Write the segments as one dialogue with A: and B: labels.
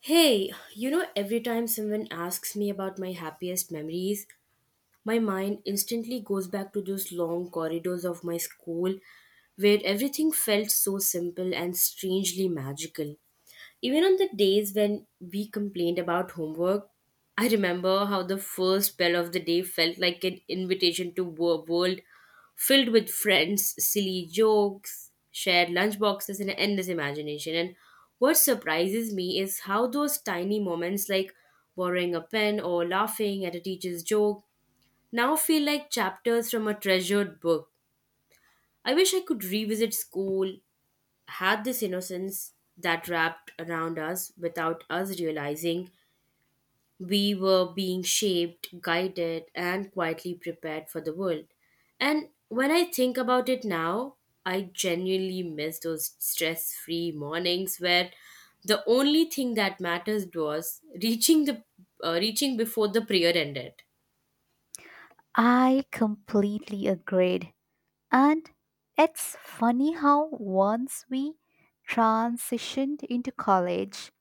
A: Hey, every time someone asks me about my happiest memories, my mind instantly goes back to those long corridors of my school where everything felt so simple and strangely magical. Even on the days when we complained about homework, I remember how the first bell of the day felt like an invitation to a world filled with friends, silly jokes, shared lunchboxes, and endless imagination. And what surprises me is how those tiny moments, like borrowing a pen or laughing at a teacher's joke, now feel like chapters from a treasured book. I wish I could revisit school, had this innocence that wrapped around us without us realizing we were being shaped, guided, and quietly prepared for the world. And when I think about it now, I genuinely miss those stress free mornings where the only thing that mattered was reaching before the prayer ended.
B: I completely agreed. And it's funny how once we transitioned into college,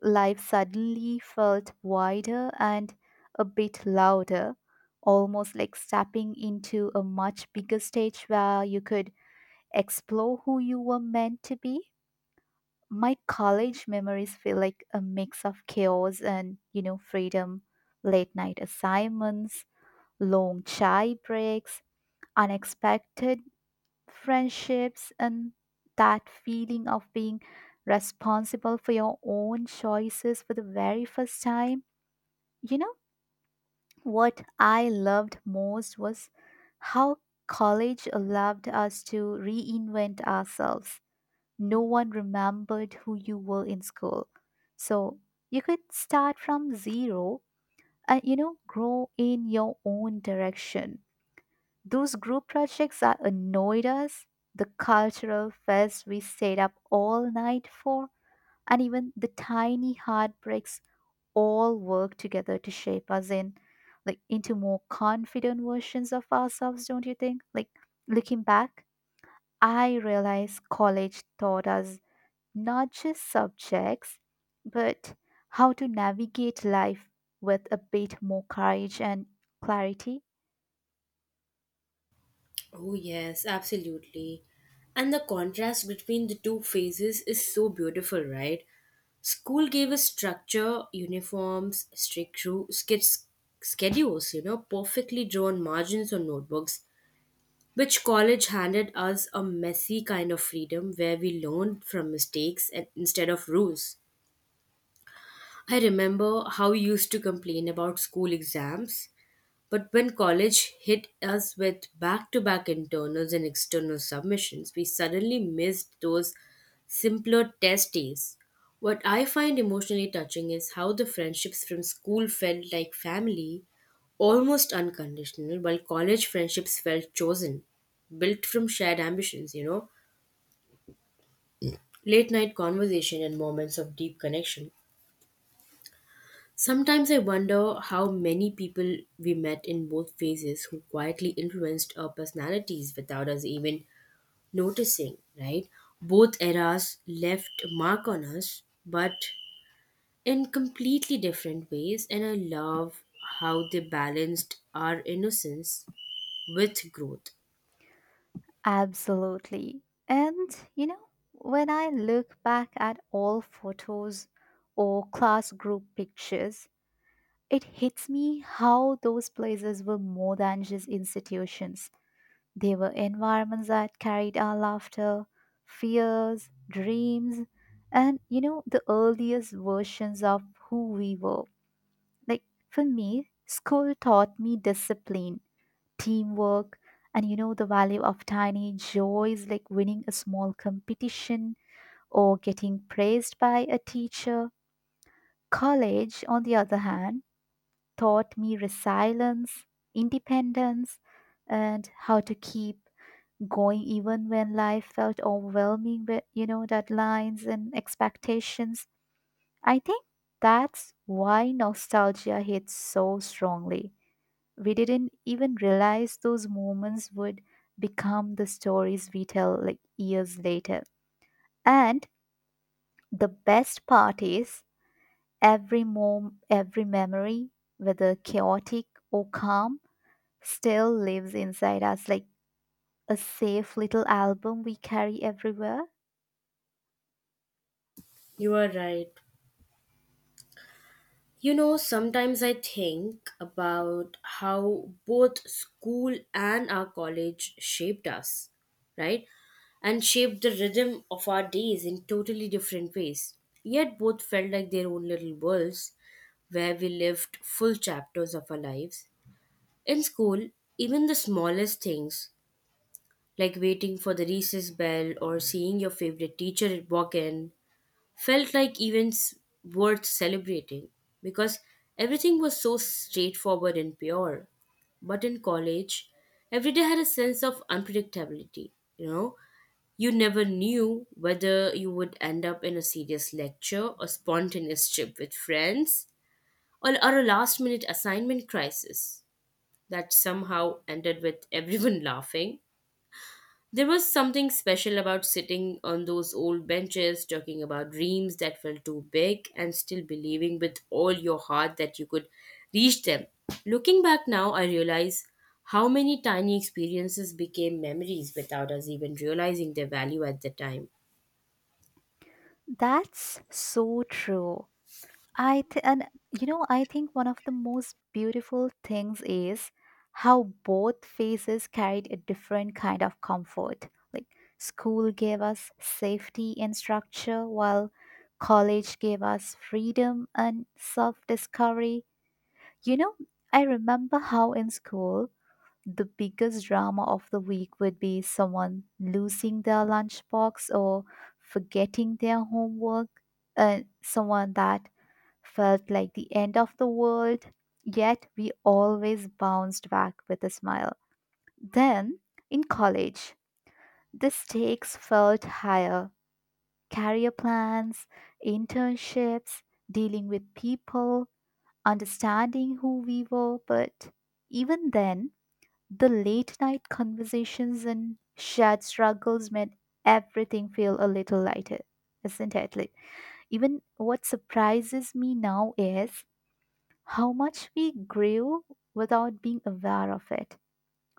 B: life suddenly felt wider and a bit louder, almost like stepping into a much bigger stage where you could explore who you were meant to be. My college memories feel like a mix of chaos and, you know, freedom, late night assignments, long chai breaks unexpected friendships and that feeling of being responsible for your own choices for the very first time. You know, what I loved most was how college allowed us to reinvent ourselves. No one remembered who you were in school. So you could start from zero and, you know, grow in your own direction. Those group projects are annoyed us, the cultural fest we stayed up all night for, and even the tiny heartbreaks all work together to shape us in like into more confident versions of ourselves, don't you think? Like looking back, I realize college taught us not just subjects, but how to navigate life with a bit more courage and clarity.
A: Oh, yes, absolutely. And the contrast between the two phases is so beautiful, right? School gave us structure, uniforms, strict rules, schedules, perfectly drawn margins on notebooks, which college handed us a messy kind of freedom where we learned from mistakes and instead of rules. I remember how we used to complain about school exams but when college hit us with back to back internals and external submissions, we suddenly missed those simpler test days. What I find emotionally touching is how the friendships from school felt like family, almost unconditional, while college friendships felt chosen, built from shared ambitions, late night conversation and moments of deep connection. Sometimes I wonder how many people we met in both phases who quietly influenced our personalities without us even noticing, right? Both eras left mark on us, but in completely different ways, and I love how they balanced our innocence with growth.
B: Absolutely. And, you know, when I look back at all photos or class group pictures, it hits me how those places were more than just institutions. They were environments that carried our laughter, fears, dreams, and, you know, the earliest versions of who we were. Like, for me, school taught me discipline teamwork, and you know the value of tiny joys like winning a small competition or getting praised by a teacher. College, on the other hand, taught me resilience, independence, and how to keep going even when life felt overwhelming with, you know, deadlines and expectations. I think that's why nostalgia hits so strongly we didn't even realize those moments would become the stories we tell like years later and the best part is every mom every memory whether chaotic or calm still lives inside us like a safe little album we carry everywhere.
A: You are right. You know, sometimes I think about how both school and our college shaped us, right? And shaped the rhythm of our days in totally different ways. Yet both felt like their own little worlds where we lived full chapters of our lives. In school, even the smallest things, like waiting for the recess bell or seeing your favorite teacher walk in, felt like events worth celebrating because everything was so straightforward and pure. But in college, every day had a sense of unpredictability, you know. You never knew whether you would end up in a serious lecture, a spontaneous trip with friends, or a last minute assignment crisis that somehow ended with everyone laughing. There was something special about sitting on those old benches, talking about dreams that felt too big, and still believing with all your heart that you could reach them. Looking back now, I realize how many tiny experiences became memories without us even realizing their value at the time.
B: That's so true. And you know, I think one of the most beautiful things is how both phases carried a different kind of comfort. Like school gave us safety and structure, while college gave us freedom and self-discovery. You know, I remember how in school the biggest drama of the week would be someone losing their lunchbox or forgetting their homework, and someone that felt like the end of the world, yet we always bounced back with a smile. Then, in college, the stakes felt higher career plans, internships, dealing with people, understanding who we were. But even then, the late night conversations and shared struggles made everything feel a little lighter, isn't it? Like, even what surprises me now is how much we grew without being aware of it.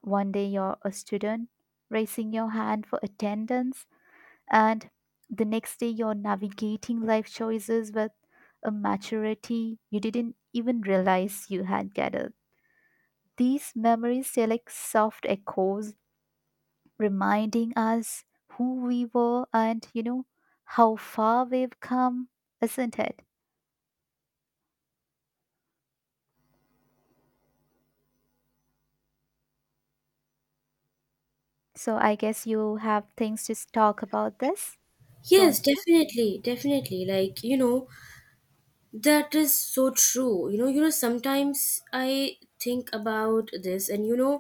B: One day you're a student raising your hand for attendance, and the next day you're navigating life choices with a maturity you didn't even realize you had gathered. These memories stay like soft echoes, reminding us who we were and, you know, how far we've come, isn't it? So I guess you have things to talk about this, don't.
A: Yes, definitely, definitely. Like, that is so true. You know, sometimes I think about this and you know,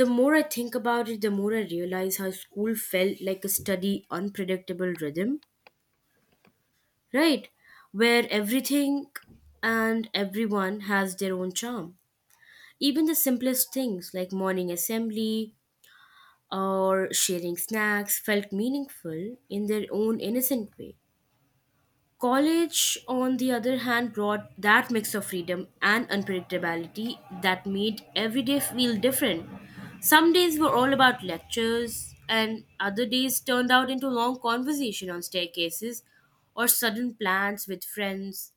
A: The more I think about it, the more I realize how school felt like a steady, unpredictable rhythm, right? Where everything and everyone has their own charm. Even the simplest things like morning assembly or sharing snacks felt meaningful in their own innocent way. College, on the other hand, brought that mix of freedom and unpredictability that made every day feel different. Some days were all about lectures, and other days turned out into long conversation on staircases or sudden plans with friends.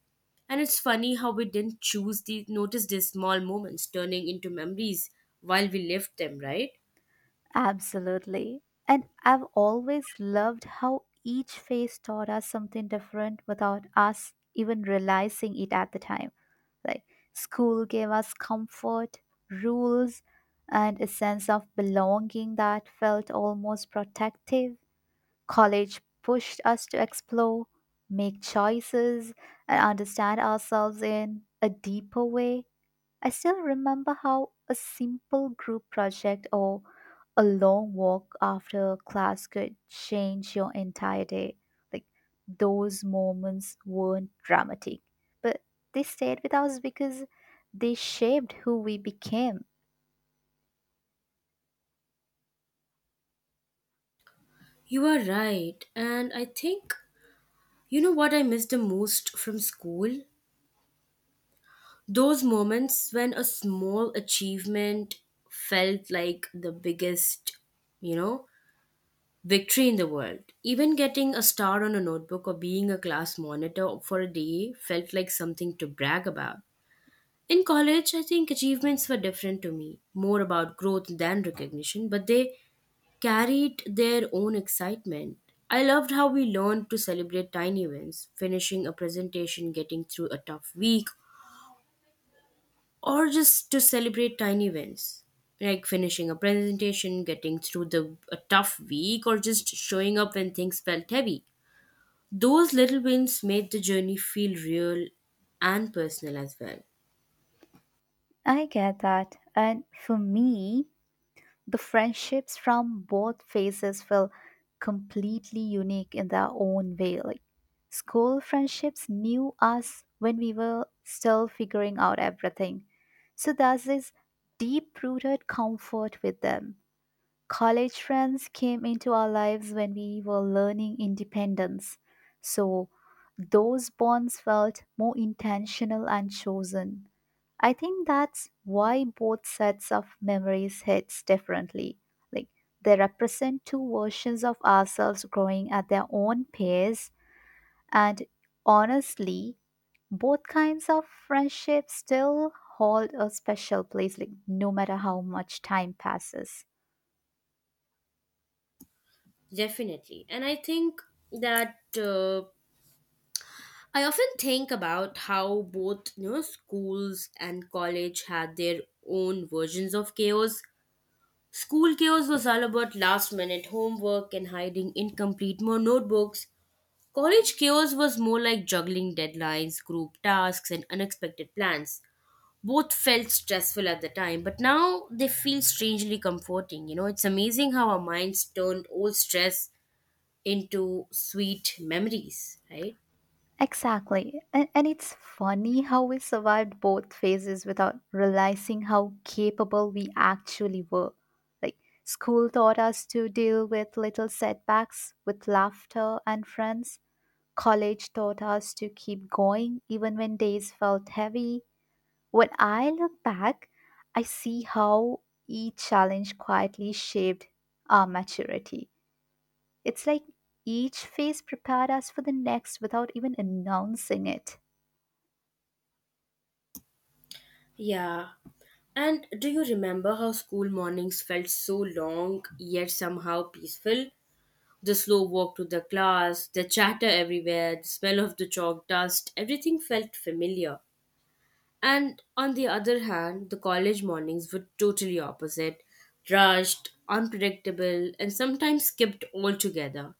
A: And it's funny how we didn't choose the notice these small moments turning into memories while we lived them, right?
B: Absolutely. And I've always loved how each phase taught us something different without us even realizing it at the time. Like, school gave us comfort, rules, and a sense of belonging that felt almost protective. College pushed us to explore, make choices, and understand ourselves in a deeper way. I still remember how a simple group project or a long walk after class could change your entire day. Like those moments weren't dramatic, but they stayed with us because they shaped who we became.
A: You are right. And I think, you know what I miss the most from school? Those moments when a small achievement felt like the biggest, you know, victory in the world. Even getting a star on a notebook or being a class monitor for a day felt like something to brag about. In college, I think achievements were different to me, more about growth than recognition, but they carried their own excitement. I loved how we learned to celebrate tiny wins, finishing a presentation, getting through a tough week, or just to celebrate tiny wins like finishing a presentation getting through the a tough week or just showing up when things felt heavy. Those little wins made the journey feel real and personal as well.
B: I get that. And for me, the friendships from both phases feel completely unique in their own way. Like school friendships knew us when we were still figuring out everything. So there's this deep rooted comfort with them. College friends came into our lives when we were learning independence. So those bonds felt more intentional and chosen. I think that's why both sets of memories hits differently. Like they represent two versions of ourselves growing at their own pace and honestly both kinds of friendships still hold a special place like no matter how much time passes.
A: Definitely, and that uh, I often think about how both schools and college had their own versions of chaos. School chaos was all about last minute homework and hiding incomplete more notebooks. College chaos was more like juggling deadlines, group tasks, and unexpected plans. Both felt stressful at the time, but now they feel strangely comforting. You know, it's amazing how our minds turned old stress into sweet memories, right?
B: Exactly. And it's funny how we survived both phases without realizing how capable we actually were. Like, school taught us to deal with little setbacks with laughter and friends. College taught us to keep going even when days felt heavy. When I look back, I see how each challenge quietly shaped our maturity. It's like each phase prepared us for the next without even announcing it.
A: Yeah. And do you remember how school mornings felt so long yet somehow peaceful? The slow walk to the class, the chatter everywhere, the smell of the chalk dust, everything felt familiar. And on the other hand, the college mornings were totally opposite rushed, unpredictable, and sometimes skipped altogether.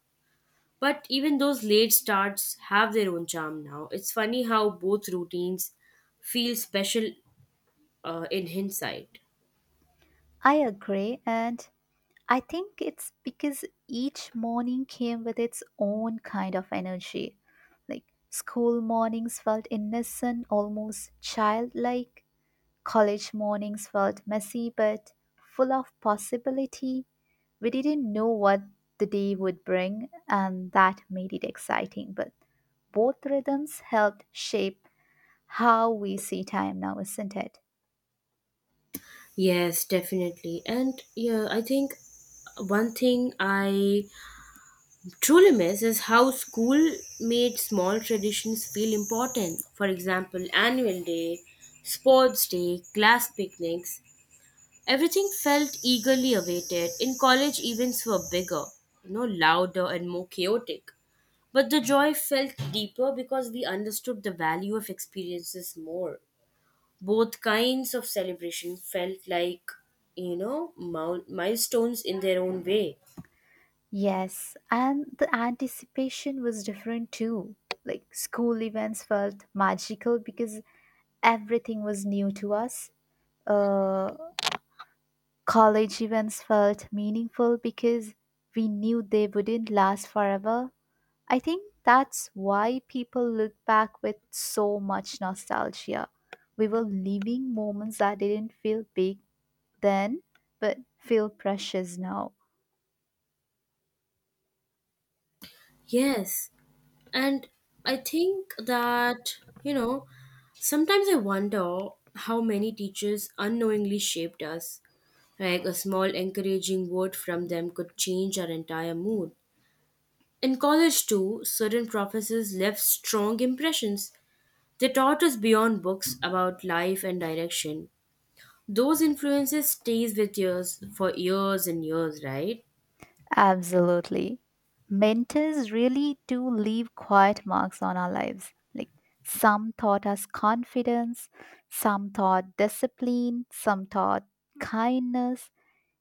A: But even those late starts have their own charm now. It's funny how both routines feel special in hindsight.
B: I agree, and I think it's because each morning came with its own kind of energy. Like school mornings felt innocent, almost childlike. College mornings felt messy but full of possibility. We didn't know what the day would bring, and that made it exciting. But both rhythms helped shape how we see time now, isn't it?
A: Yes, definitely. And yeah, I think one thing I truly miss is how school made small traditions feel important. For example, annual day, sports day, class picnics, everything felt eagerly awaited. In college, events were bigger, louder and more chaotic. But the joy felt deeper because we understood the value of experiences more. Both kinds of celebration felt like, milestones in their own way.
B: Yes, and the anticipation was different too. Like school events felt magical because everything was new to us. Uh, College events felt meaningful because we knew they wouldn't last forever. I think that's why people look back with so much nostalgia. We were living moments that didn't feel big then, but feel precious now.
A: Yes. And I think that, sometimes I wonder how many teachers unknowingly shaped us. Like a small encouraging word from them could change our entire mood. In college, too, certain professors left strong impressions. They taught us beyond books about life and direction. Those influences stays with us for years and years, right?
B: Absolutely. Mentors really do leave quiet marks on our lives. Like some taught us confidence, some taught discipline, some taught kindness.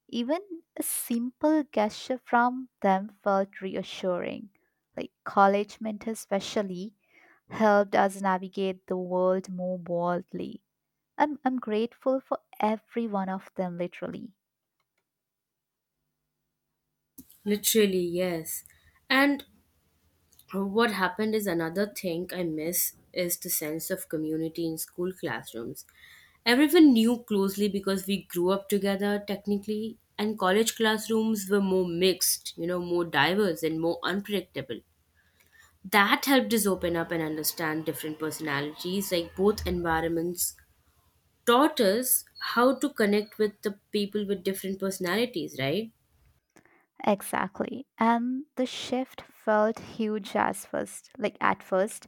B: Even a simple gesture from them felt reassuring. Like college mentors, especially, helped us navigate the world more boldly. I'm grateful for every one of them, literally.
A: Literally, yes. And what happened is another thing I miss is the sense of community in school classrooms. Everyone knew closely because we grew up together technically, and college classrooms were more mixed, more diverse and more unpredictable. That helped us open up and understand different personalities, like both environments taught us how to connect with the people with different personalities, right?
B: Exactly. And the shift felt huge as first, like at first.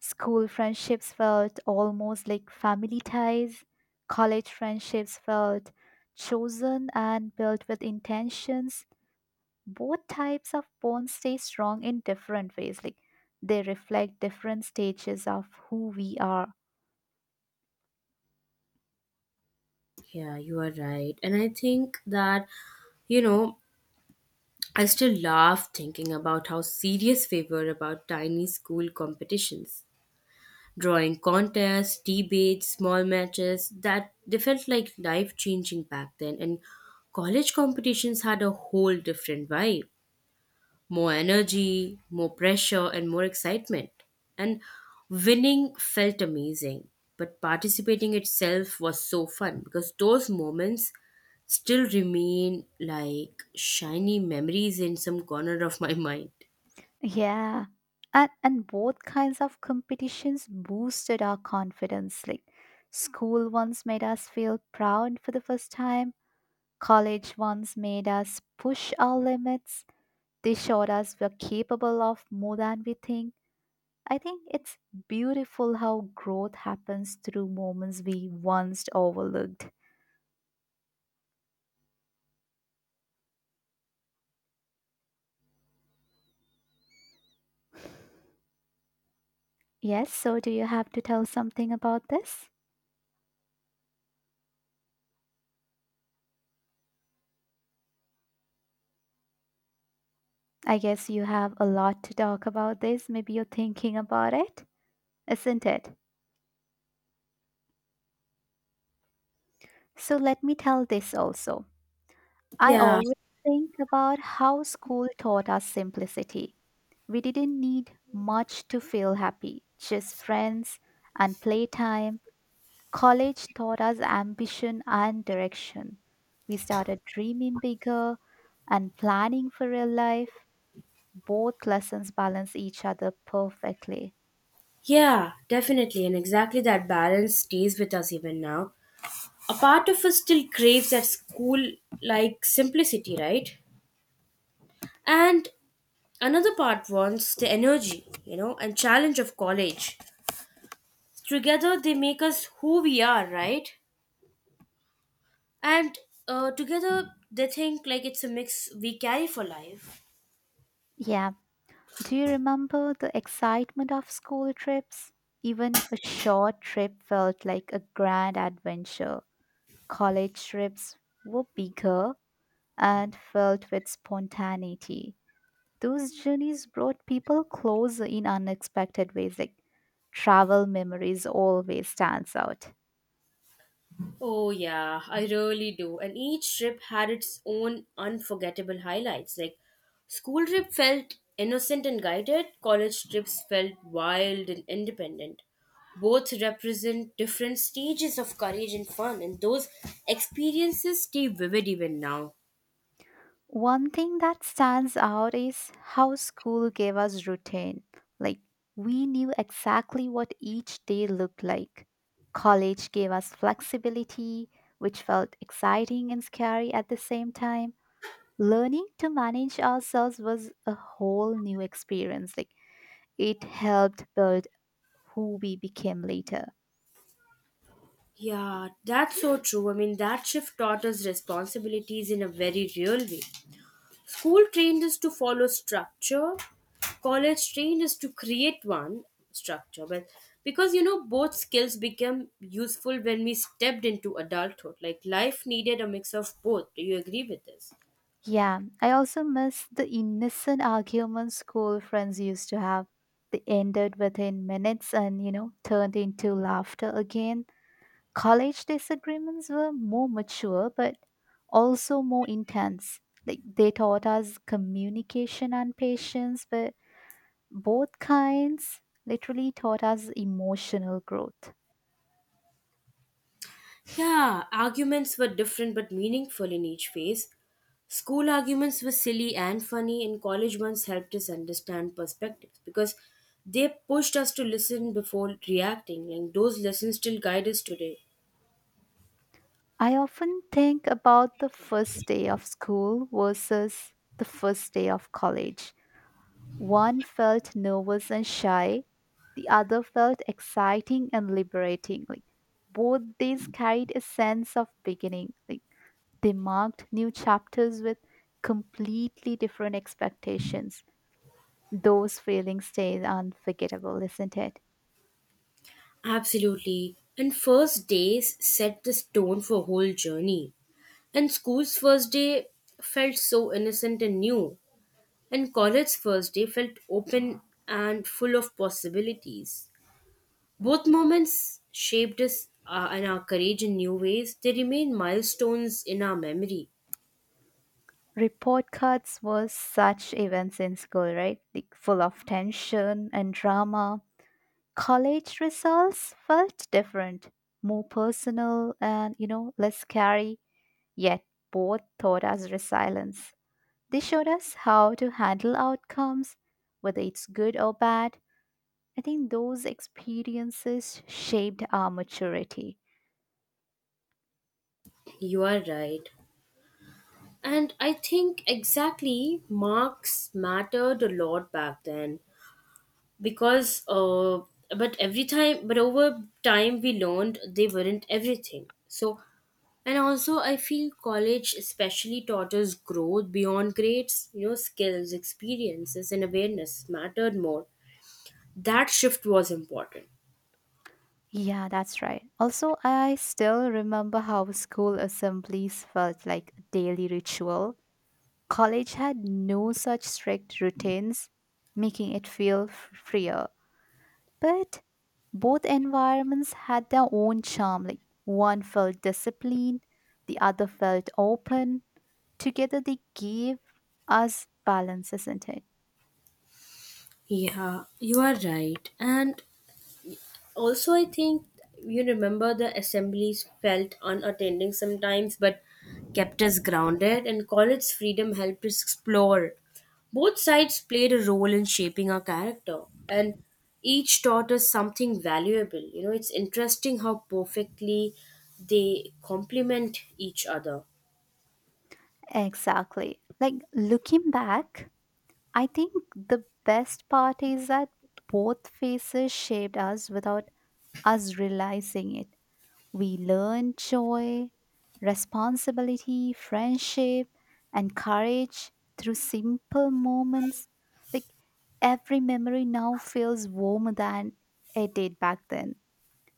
B: School friendships felt almost like family ties. College friendships felt chosen and built with intentions. Both types of bonds stay strong in different ways. Like they reflect different stages of who we are.
A: Yeah, you are right. And I think that, you know, I still laugh thinking about how serious we were about tiny school competitions. Drawing contests, debates, small matches, that they felt like life changing back then, and college competitions had a whole different vibe more energy, more pressure, and more excitement. And winning felt amazing, but participating itself was so fun because those moments still remain like shiny memories in some corner of my mind.
B: Yeah. And both kinds of competitions boosted our confidence. Like school ones made us feel proud for the first time. College ones made us push our limits. They showed us we're capable of more than we think. I think it's beautiful how growth happens through moments we once overlooked. Yes, so do you have to tell something about this? I guess you have a lot to talk about this. Maybe you're thinking about it, isn't it? So let me tell this also. I
A: Yeah,
B: always think about how school taught us simplicity. We didn't need much to feel happy, just friends and playtime. College taught us ambition and direction. We started dreaming bigger and planning for real life. Both lessons balance each other perfectly.
A: yeah, definitely. And exactly that balance stays with us even now. A part of us still craves that school like simplicity, right? And another part wants the energy, and challenge of college. Together they make us who we are, right? And together they think like it's a mix we carry for life.
B: Yeah, do you remember the excitement of school trips? Even a short trip felt like a grand adventure. College trips were bigger and filled with spontaneity. Those journeys brought people closer in unexpected ways. Like travel memories always stands out.
A: Oh, yeah, I really do. And each trip had its own unforgettable highlights. Like, school trip felt innocent and guided, college trips felt wild and independent. Both represent different stages of courage and fun, and those experiences stay vivid even now.
B: One thing that stands out is how school gave us routine. Like, we knew exactly what each day looked like. College gave us flexibility, which felt exciting and scary at the same time. Learning to manage ourselves was a whole new experience. Like, it helped build who we became later.
A: Yeah, that's so true. I mean, that shift taught us responsibilities in a very real way. School trained us to follow structure, college trained us to create one structure. But because both skills became useful when we stepped into adulthood. Like life needed a mix of both. Do you agree with this?
B: Yeah, I also miss the innocent arguments school friends used to have. They ended within minutes and, you know, turned into laughter again. College disagreements were more mature, but also more intense. Like, they taught us communication and patience, but both kinds literally taught us emotional growth.
A: Yeah, arguments were different but meaningful in each phase. School arguments were silly and funny, and college ones helped us understand perspectives because they pushed us to listen before reacting, and those lessons still guide us today.
B: I often think about the first day of school versus the first day of college. One felt nervous and shy, the other felt exciting and liberating. Like both these carried a sense of beginning. Like they marked new chapters with completely different expectations. Those feelings stay unforgettable, isn't it?
A: Absolutely. And first days set the stone for whole journey. And school's first day felt so innocent and new. And college's first day felt open and full of possibilities. Both moments shaped us and our courage in new ways. They remain milestones in our memory.
B: Report cards were such events in school, right? Like full of tension and drama. College results felt different, more personal and you know, less scary. Yet both taught us resilience. They showed us how to handle outcomes, whether it's good or bad. I think those experiences shaped our maturity.
A: You are right. And I think exactly marks mattered a lot back then because, uh, but over time we learned they weren't everything. So, and also I feel college especially taught us growth beyond grades, skills, experiences, and awareness mattered more. That shift was important.
B: Yeah, that's right. Also, I still remember how school assemblies felt like a daily ritual. College had no such strict routines, making it feel freer. But both environments had their own charm. Like one felt disciplined, the other felt open. Together they gave us balance, isn't it?
A: Yeah, you are right. And also, I think you remember the assemblies felt unattending sometimes, but kept us grounded, and college freedom helped us explore. Both sides played a role in shaping our character, and each taught us something valuable. You know, it's interesting how perfectly they complement each other.
B: Exactly. Like looking back, I think the best part is that both phases shaped us without us realizing it. We learn joy, responsibility, friendship, and courage through simple moments. Like every memory now feels warmer than it did back then.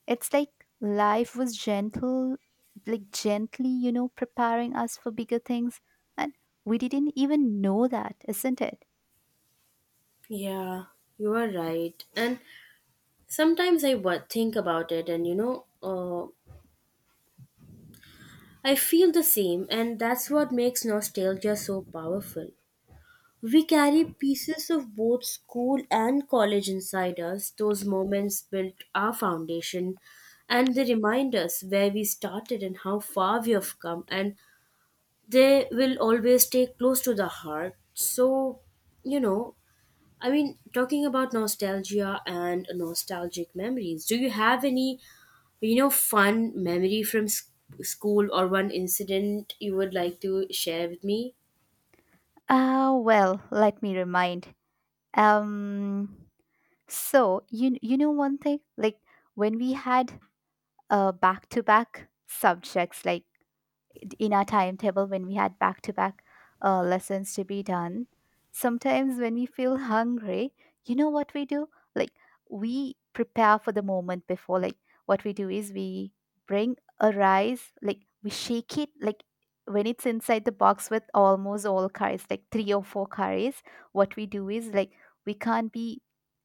B: It's like life was gentle, like gently, you know, preparing us for bigger things. And we didn't even know that, isn't it?
A: Yeah, you are right. And sometimes think about it, and I feel the same, and that's what makes nostalgia so powerful. We carry pieces of both school and college inside us. Those moments built our foundation, and they remind us where we started and how far we have come, and they will always stay close to the heart. So, you know, I mean, talking about nostalgia and nostalgic memories, do you have any fun memory from school or one incident you would like to share with me?
B: Ah, well, let me remind. Um, so you know one thing, like when we had back-to-back subjects like in our timetable when we had back-to-back lessons to be done sometimes when we feel hungry you know what we do like we prepare for the moment before like what we do is we bring a rice like we shake it like when it's inside the box with almost all curries like three or four curries what we do is like we can't be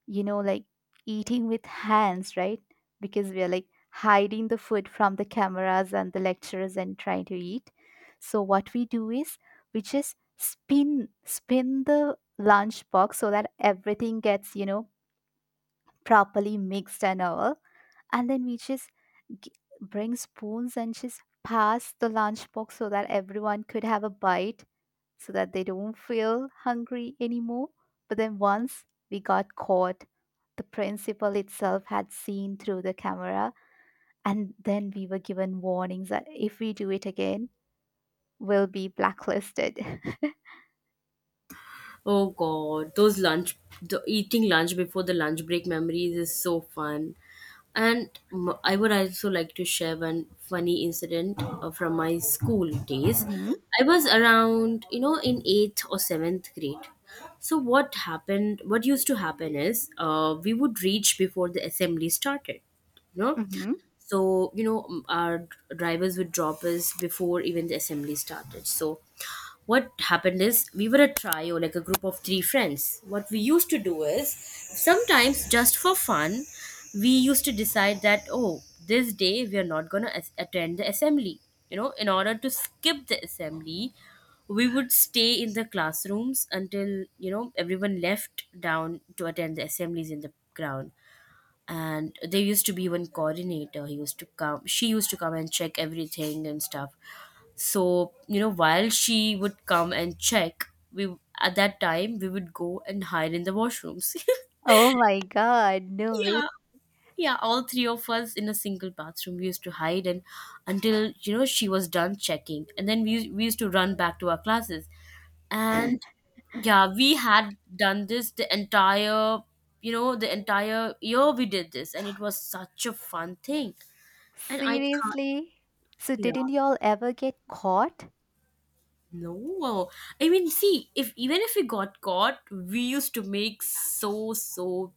B: you know like eating with hands right because we are like hiding the food from the cameras and the lecturers and trying to eat. So what we do is we just spin the lunch box so that everything gets, you know, properly mixed and all. And then we just g- bring spoons and just pass the lunch box so that everyone could have a bite so that they don't feel hungry anymore. But then once we got caught, the principal itself had seen through the camera and then we were given warnings that if we do it again, we'll be blacklisted.
A: Oh God, those lunch, the eating lunch before the lunch break memories is so fun. And I would also like to share one funny incident from my school days.
B: Hmm.
A: I was around, in eighth or seventh grade. So what happened? What used to happen is, we would reach before the assembly started. You know,
B: Hmm.
A: so our drivers would drop us before even the assembly started. So what happened is we were a trio, like a group of three friends. What we used to do is sometimes just for fun we used to decide that, oh, this day we are not going to attend the assembly. You know, in order to skip the assembly we would stay in the classrooms until everyone left down to attend the assemblies in the ground. And there used to be one coordinator. He used to come, she used to come and check everything and stuff. So while she would come and check, we at that time we would go and hide in the washrooms
B: Oh my God, no way.
A: Yeah. Yeah, all three of us in a single bathroom. We used to hide and until she was done checking, and then we used to run back to our classes. And yeah, we had done this the entire the entire year we did this, and it was such a fun thing. And I can't.
B: Seriously? So,
A: Yeah,
B: didn't y'all ever get caught?
A: no. I mean, see, if even if we got caught, we used to make so so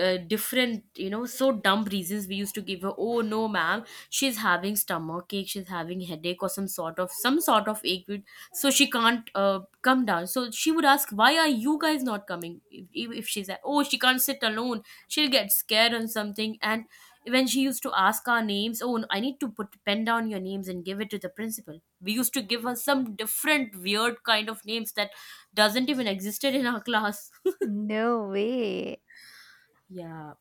A: uh, different so dumb reasons we used to give her. Oh, no ma'am, she's having stomach ache, she's having headache or some sort of ache with— so she can't come down. So she would ask why are you guys not coming. If she's at, oh, she can't sit alone, she'll get scared on something. And when she used to ask our names, oh, I need to put pen down your names and give it to the principal. We used to give her some different weird kind of names that doesn't even existed in our class
B: No way.
A: yeah,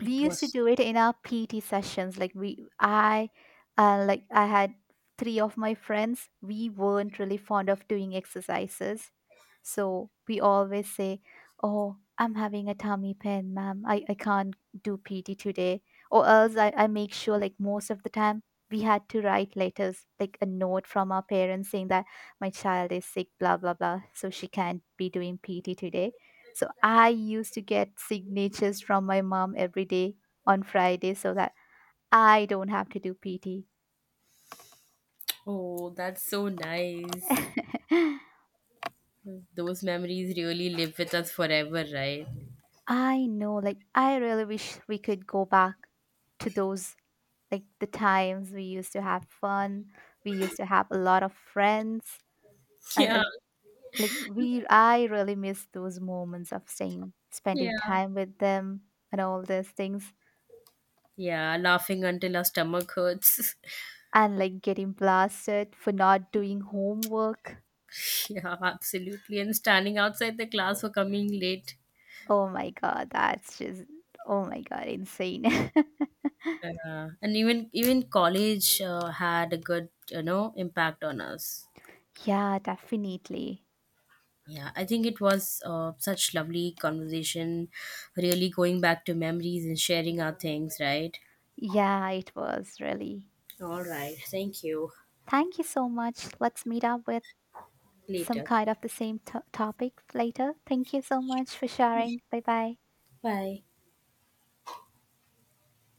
B: We
A: it
B: used to
A: was.
B: do it in our PT sessions. Like I had three of my friends. We weren't really fond of doing exercises, so we always say, "Oh, I'm having a tummy pain, ma'am. I can't do PT today." Or else I make sure like most of the time we had to write letters like a note from our parents saying that my child is sick blah blah blah so she can't be doing PT today so I used to get signatures from my mom every day on Friday so that I don't have to do PT.
A: Oh, that's so nice. Those memories really live with us forever, right?
B: I know, like, I really wish we could go back to those, like, the times we used to have fun. We used to have a lot of friends. And,
A: Yeah,
B: like, I really miss those moments of staying, spending
A: yeah.
B: time with them and all those things.
A: Yeah, laughing until our stomach hurts.
B: And, like, getting blasted for not doing homework.
A: Yeah, absolutely. And standing outside the class for coming late.
B: Oh my god, that's just oh my god, insane.
A: And even college had a good, impact on us.
B: Yeah, definitely.
A: Yeah, I think it was such lovely conversation, really going back to memories and sharing our things, right?
B: Yeah, it was really.
A: All right. Thank you.
B: Thank you so much. Let's meet up with some
A: Later.
B: kind of the same topic later. Thank you so much for sharing. Bye bye.
A: Bye.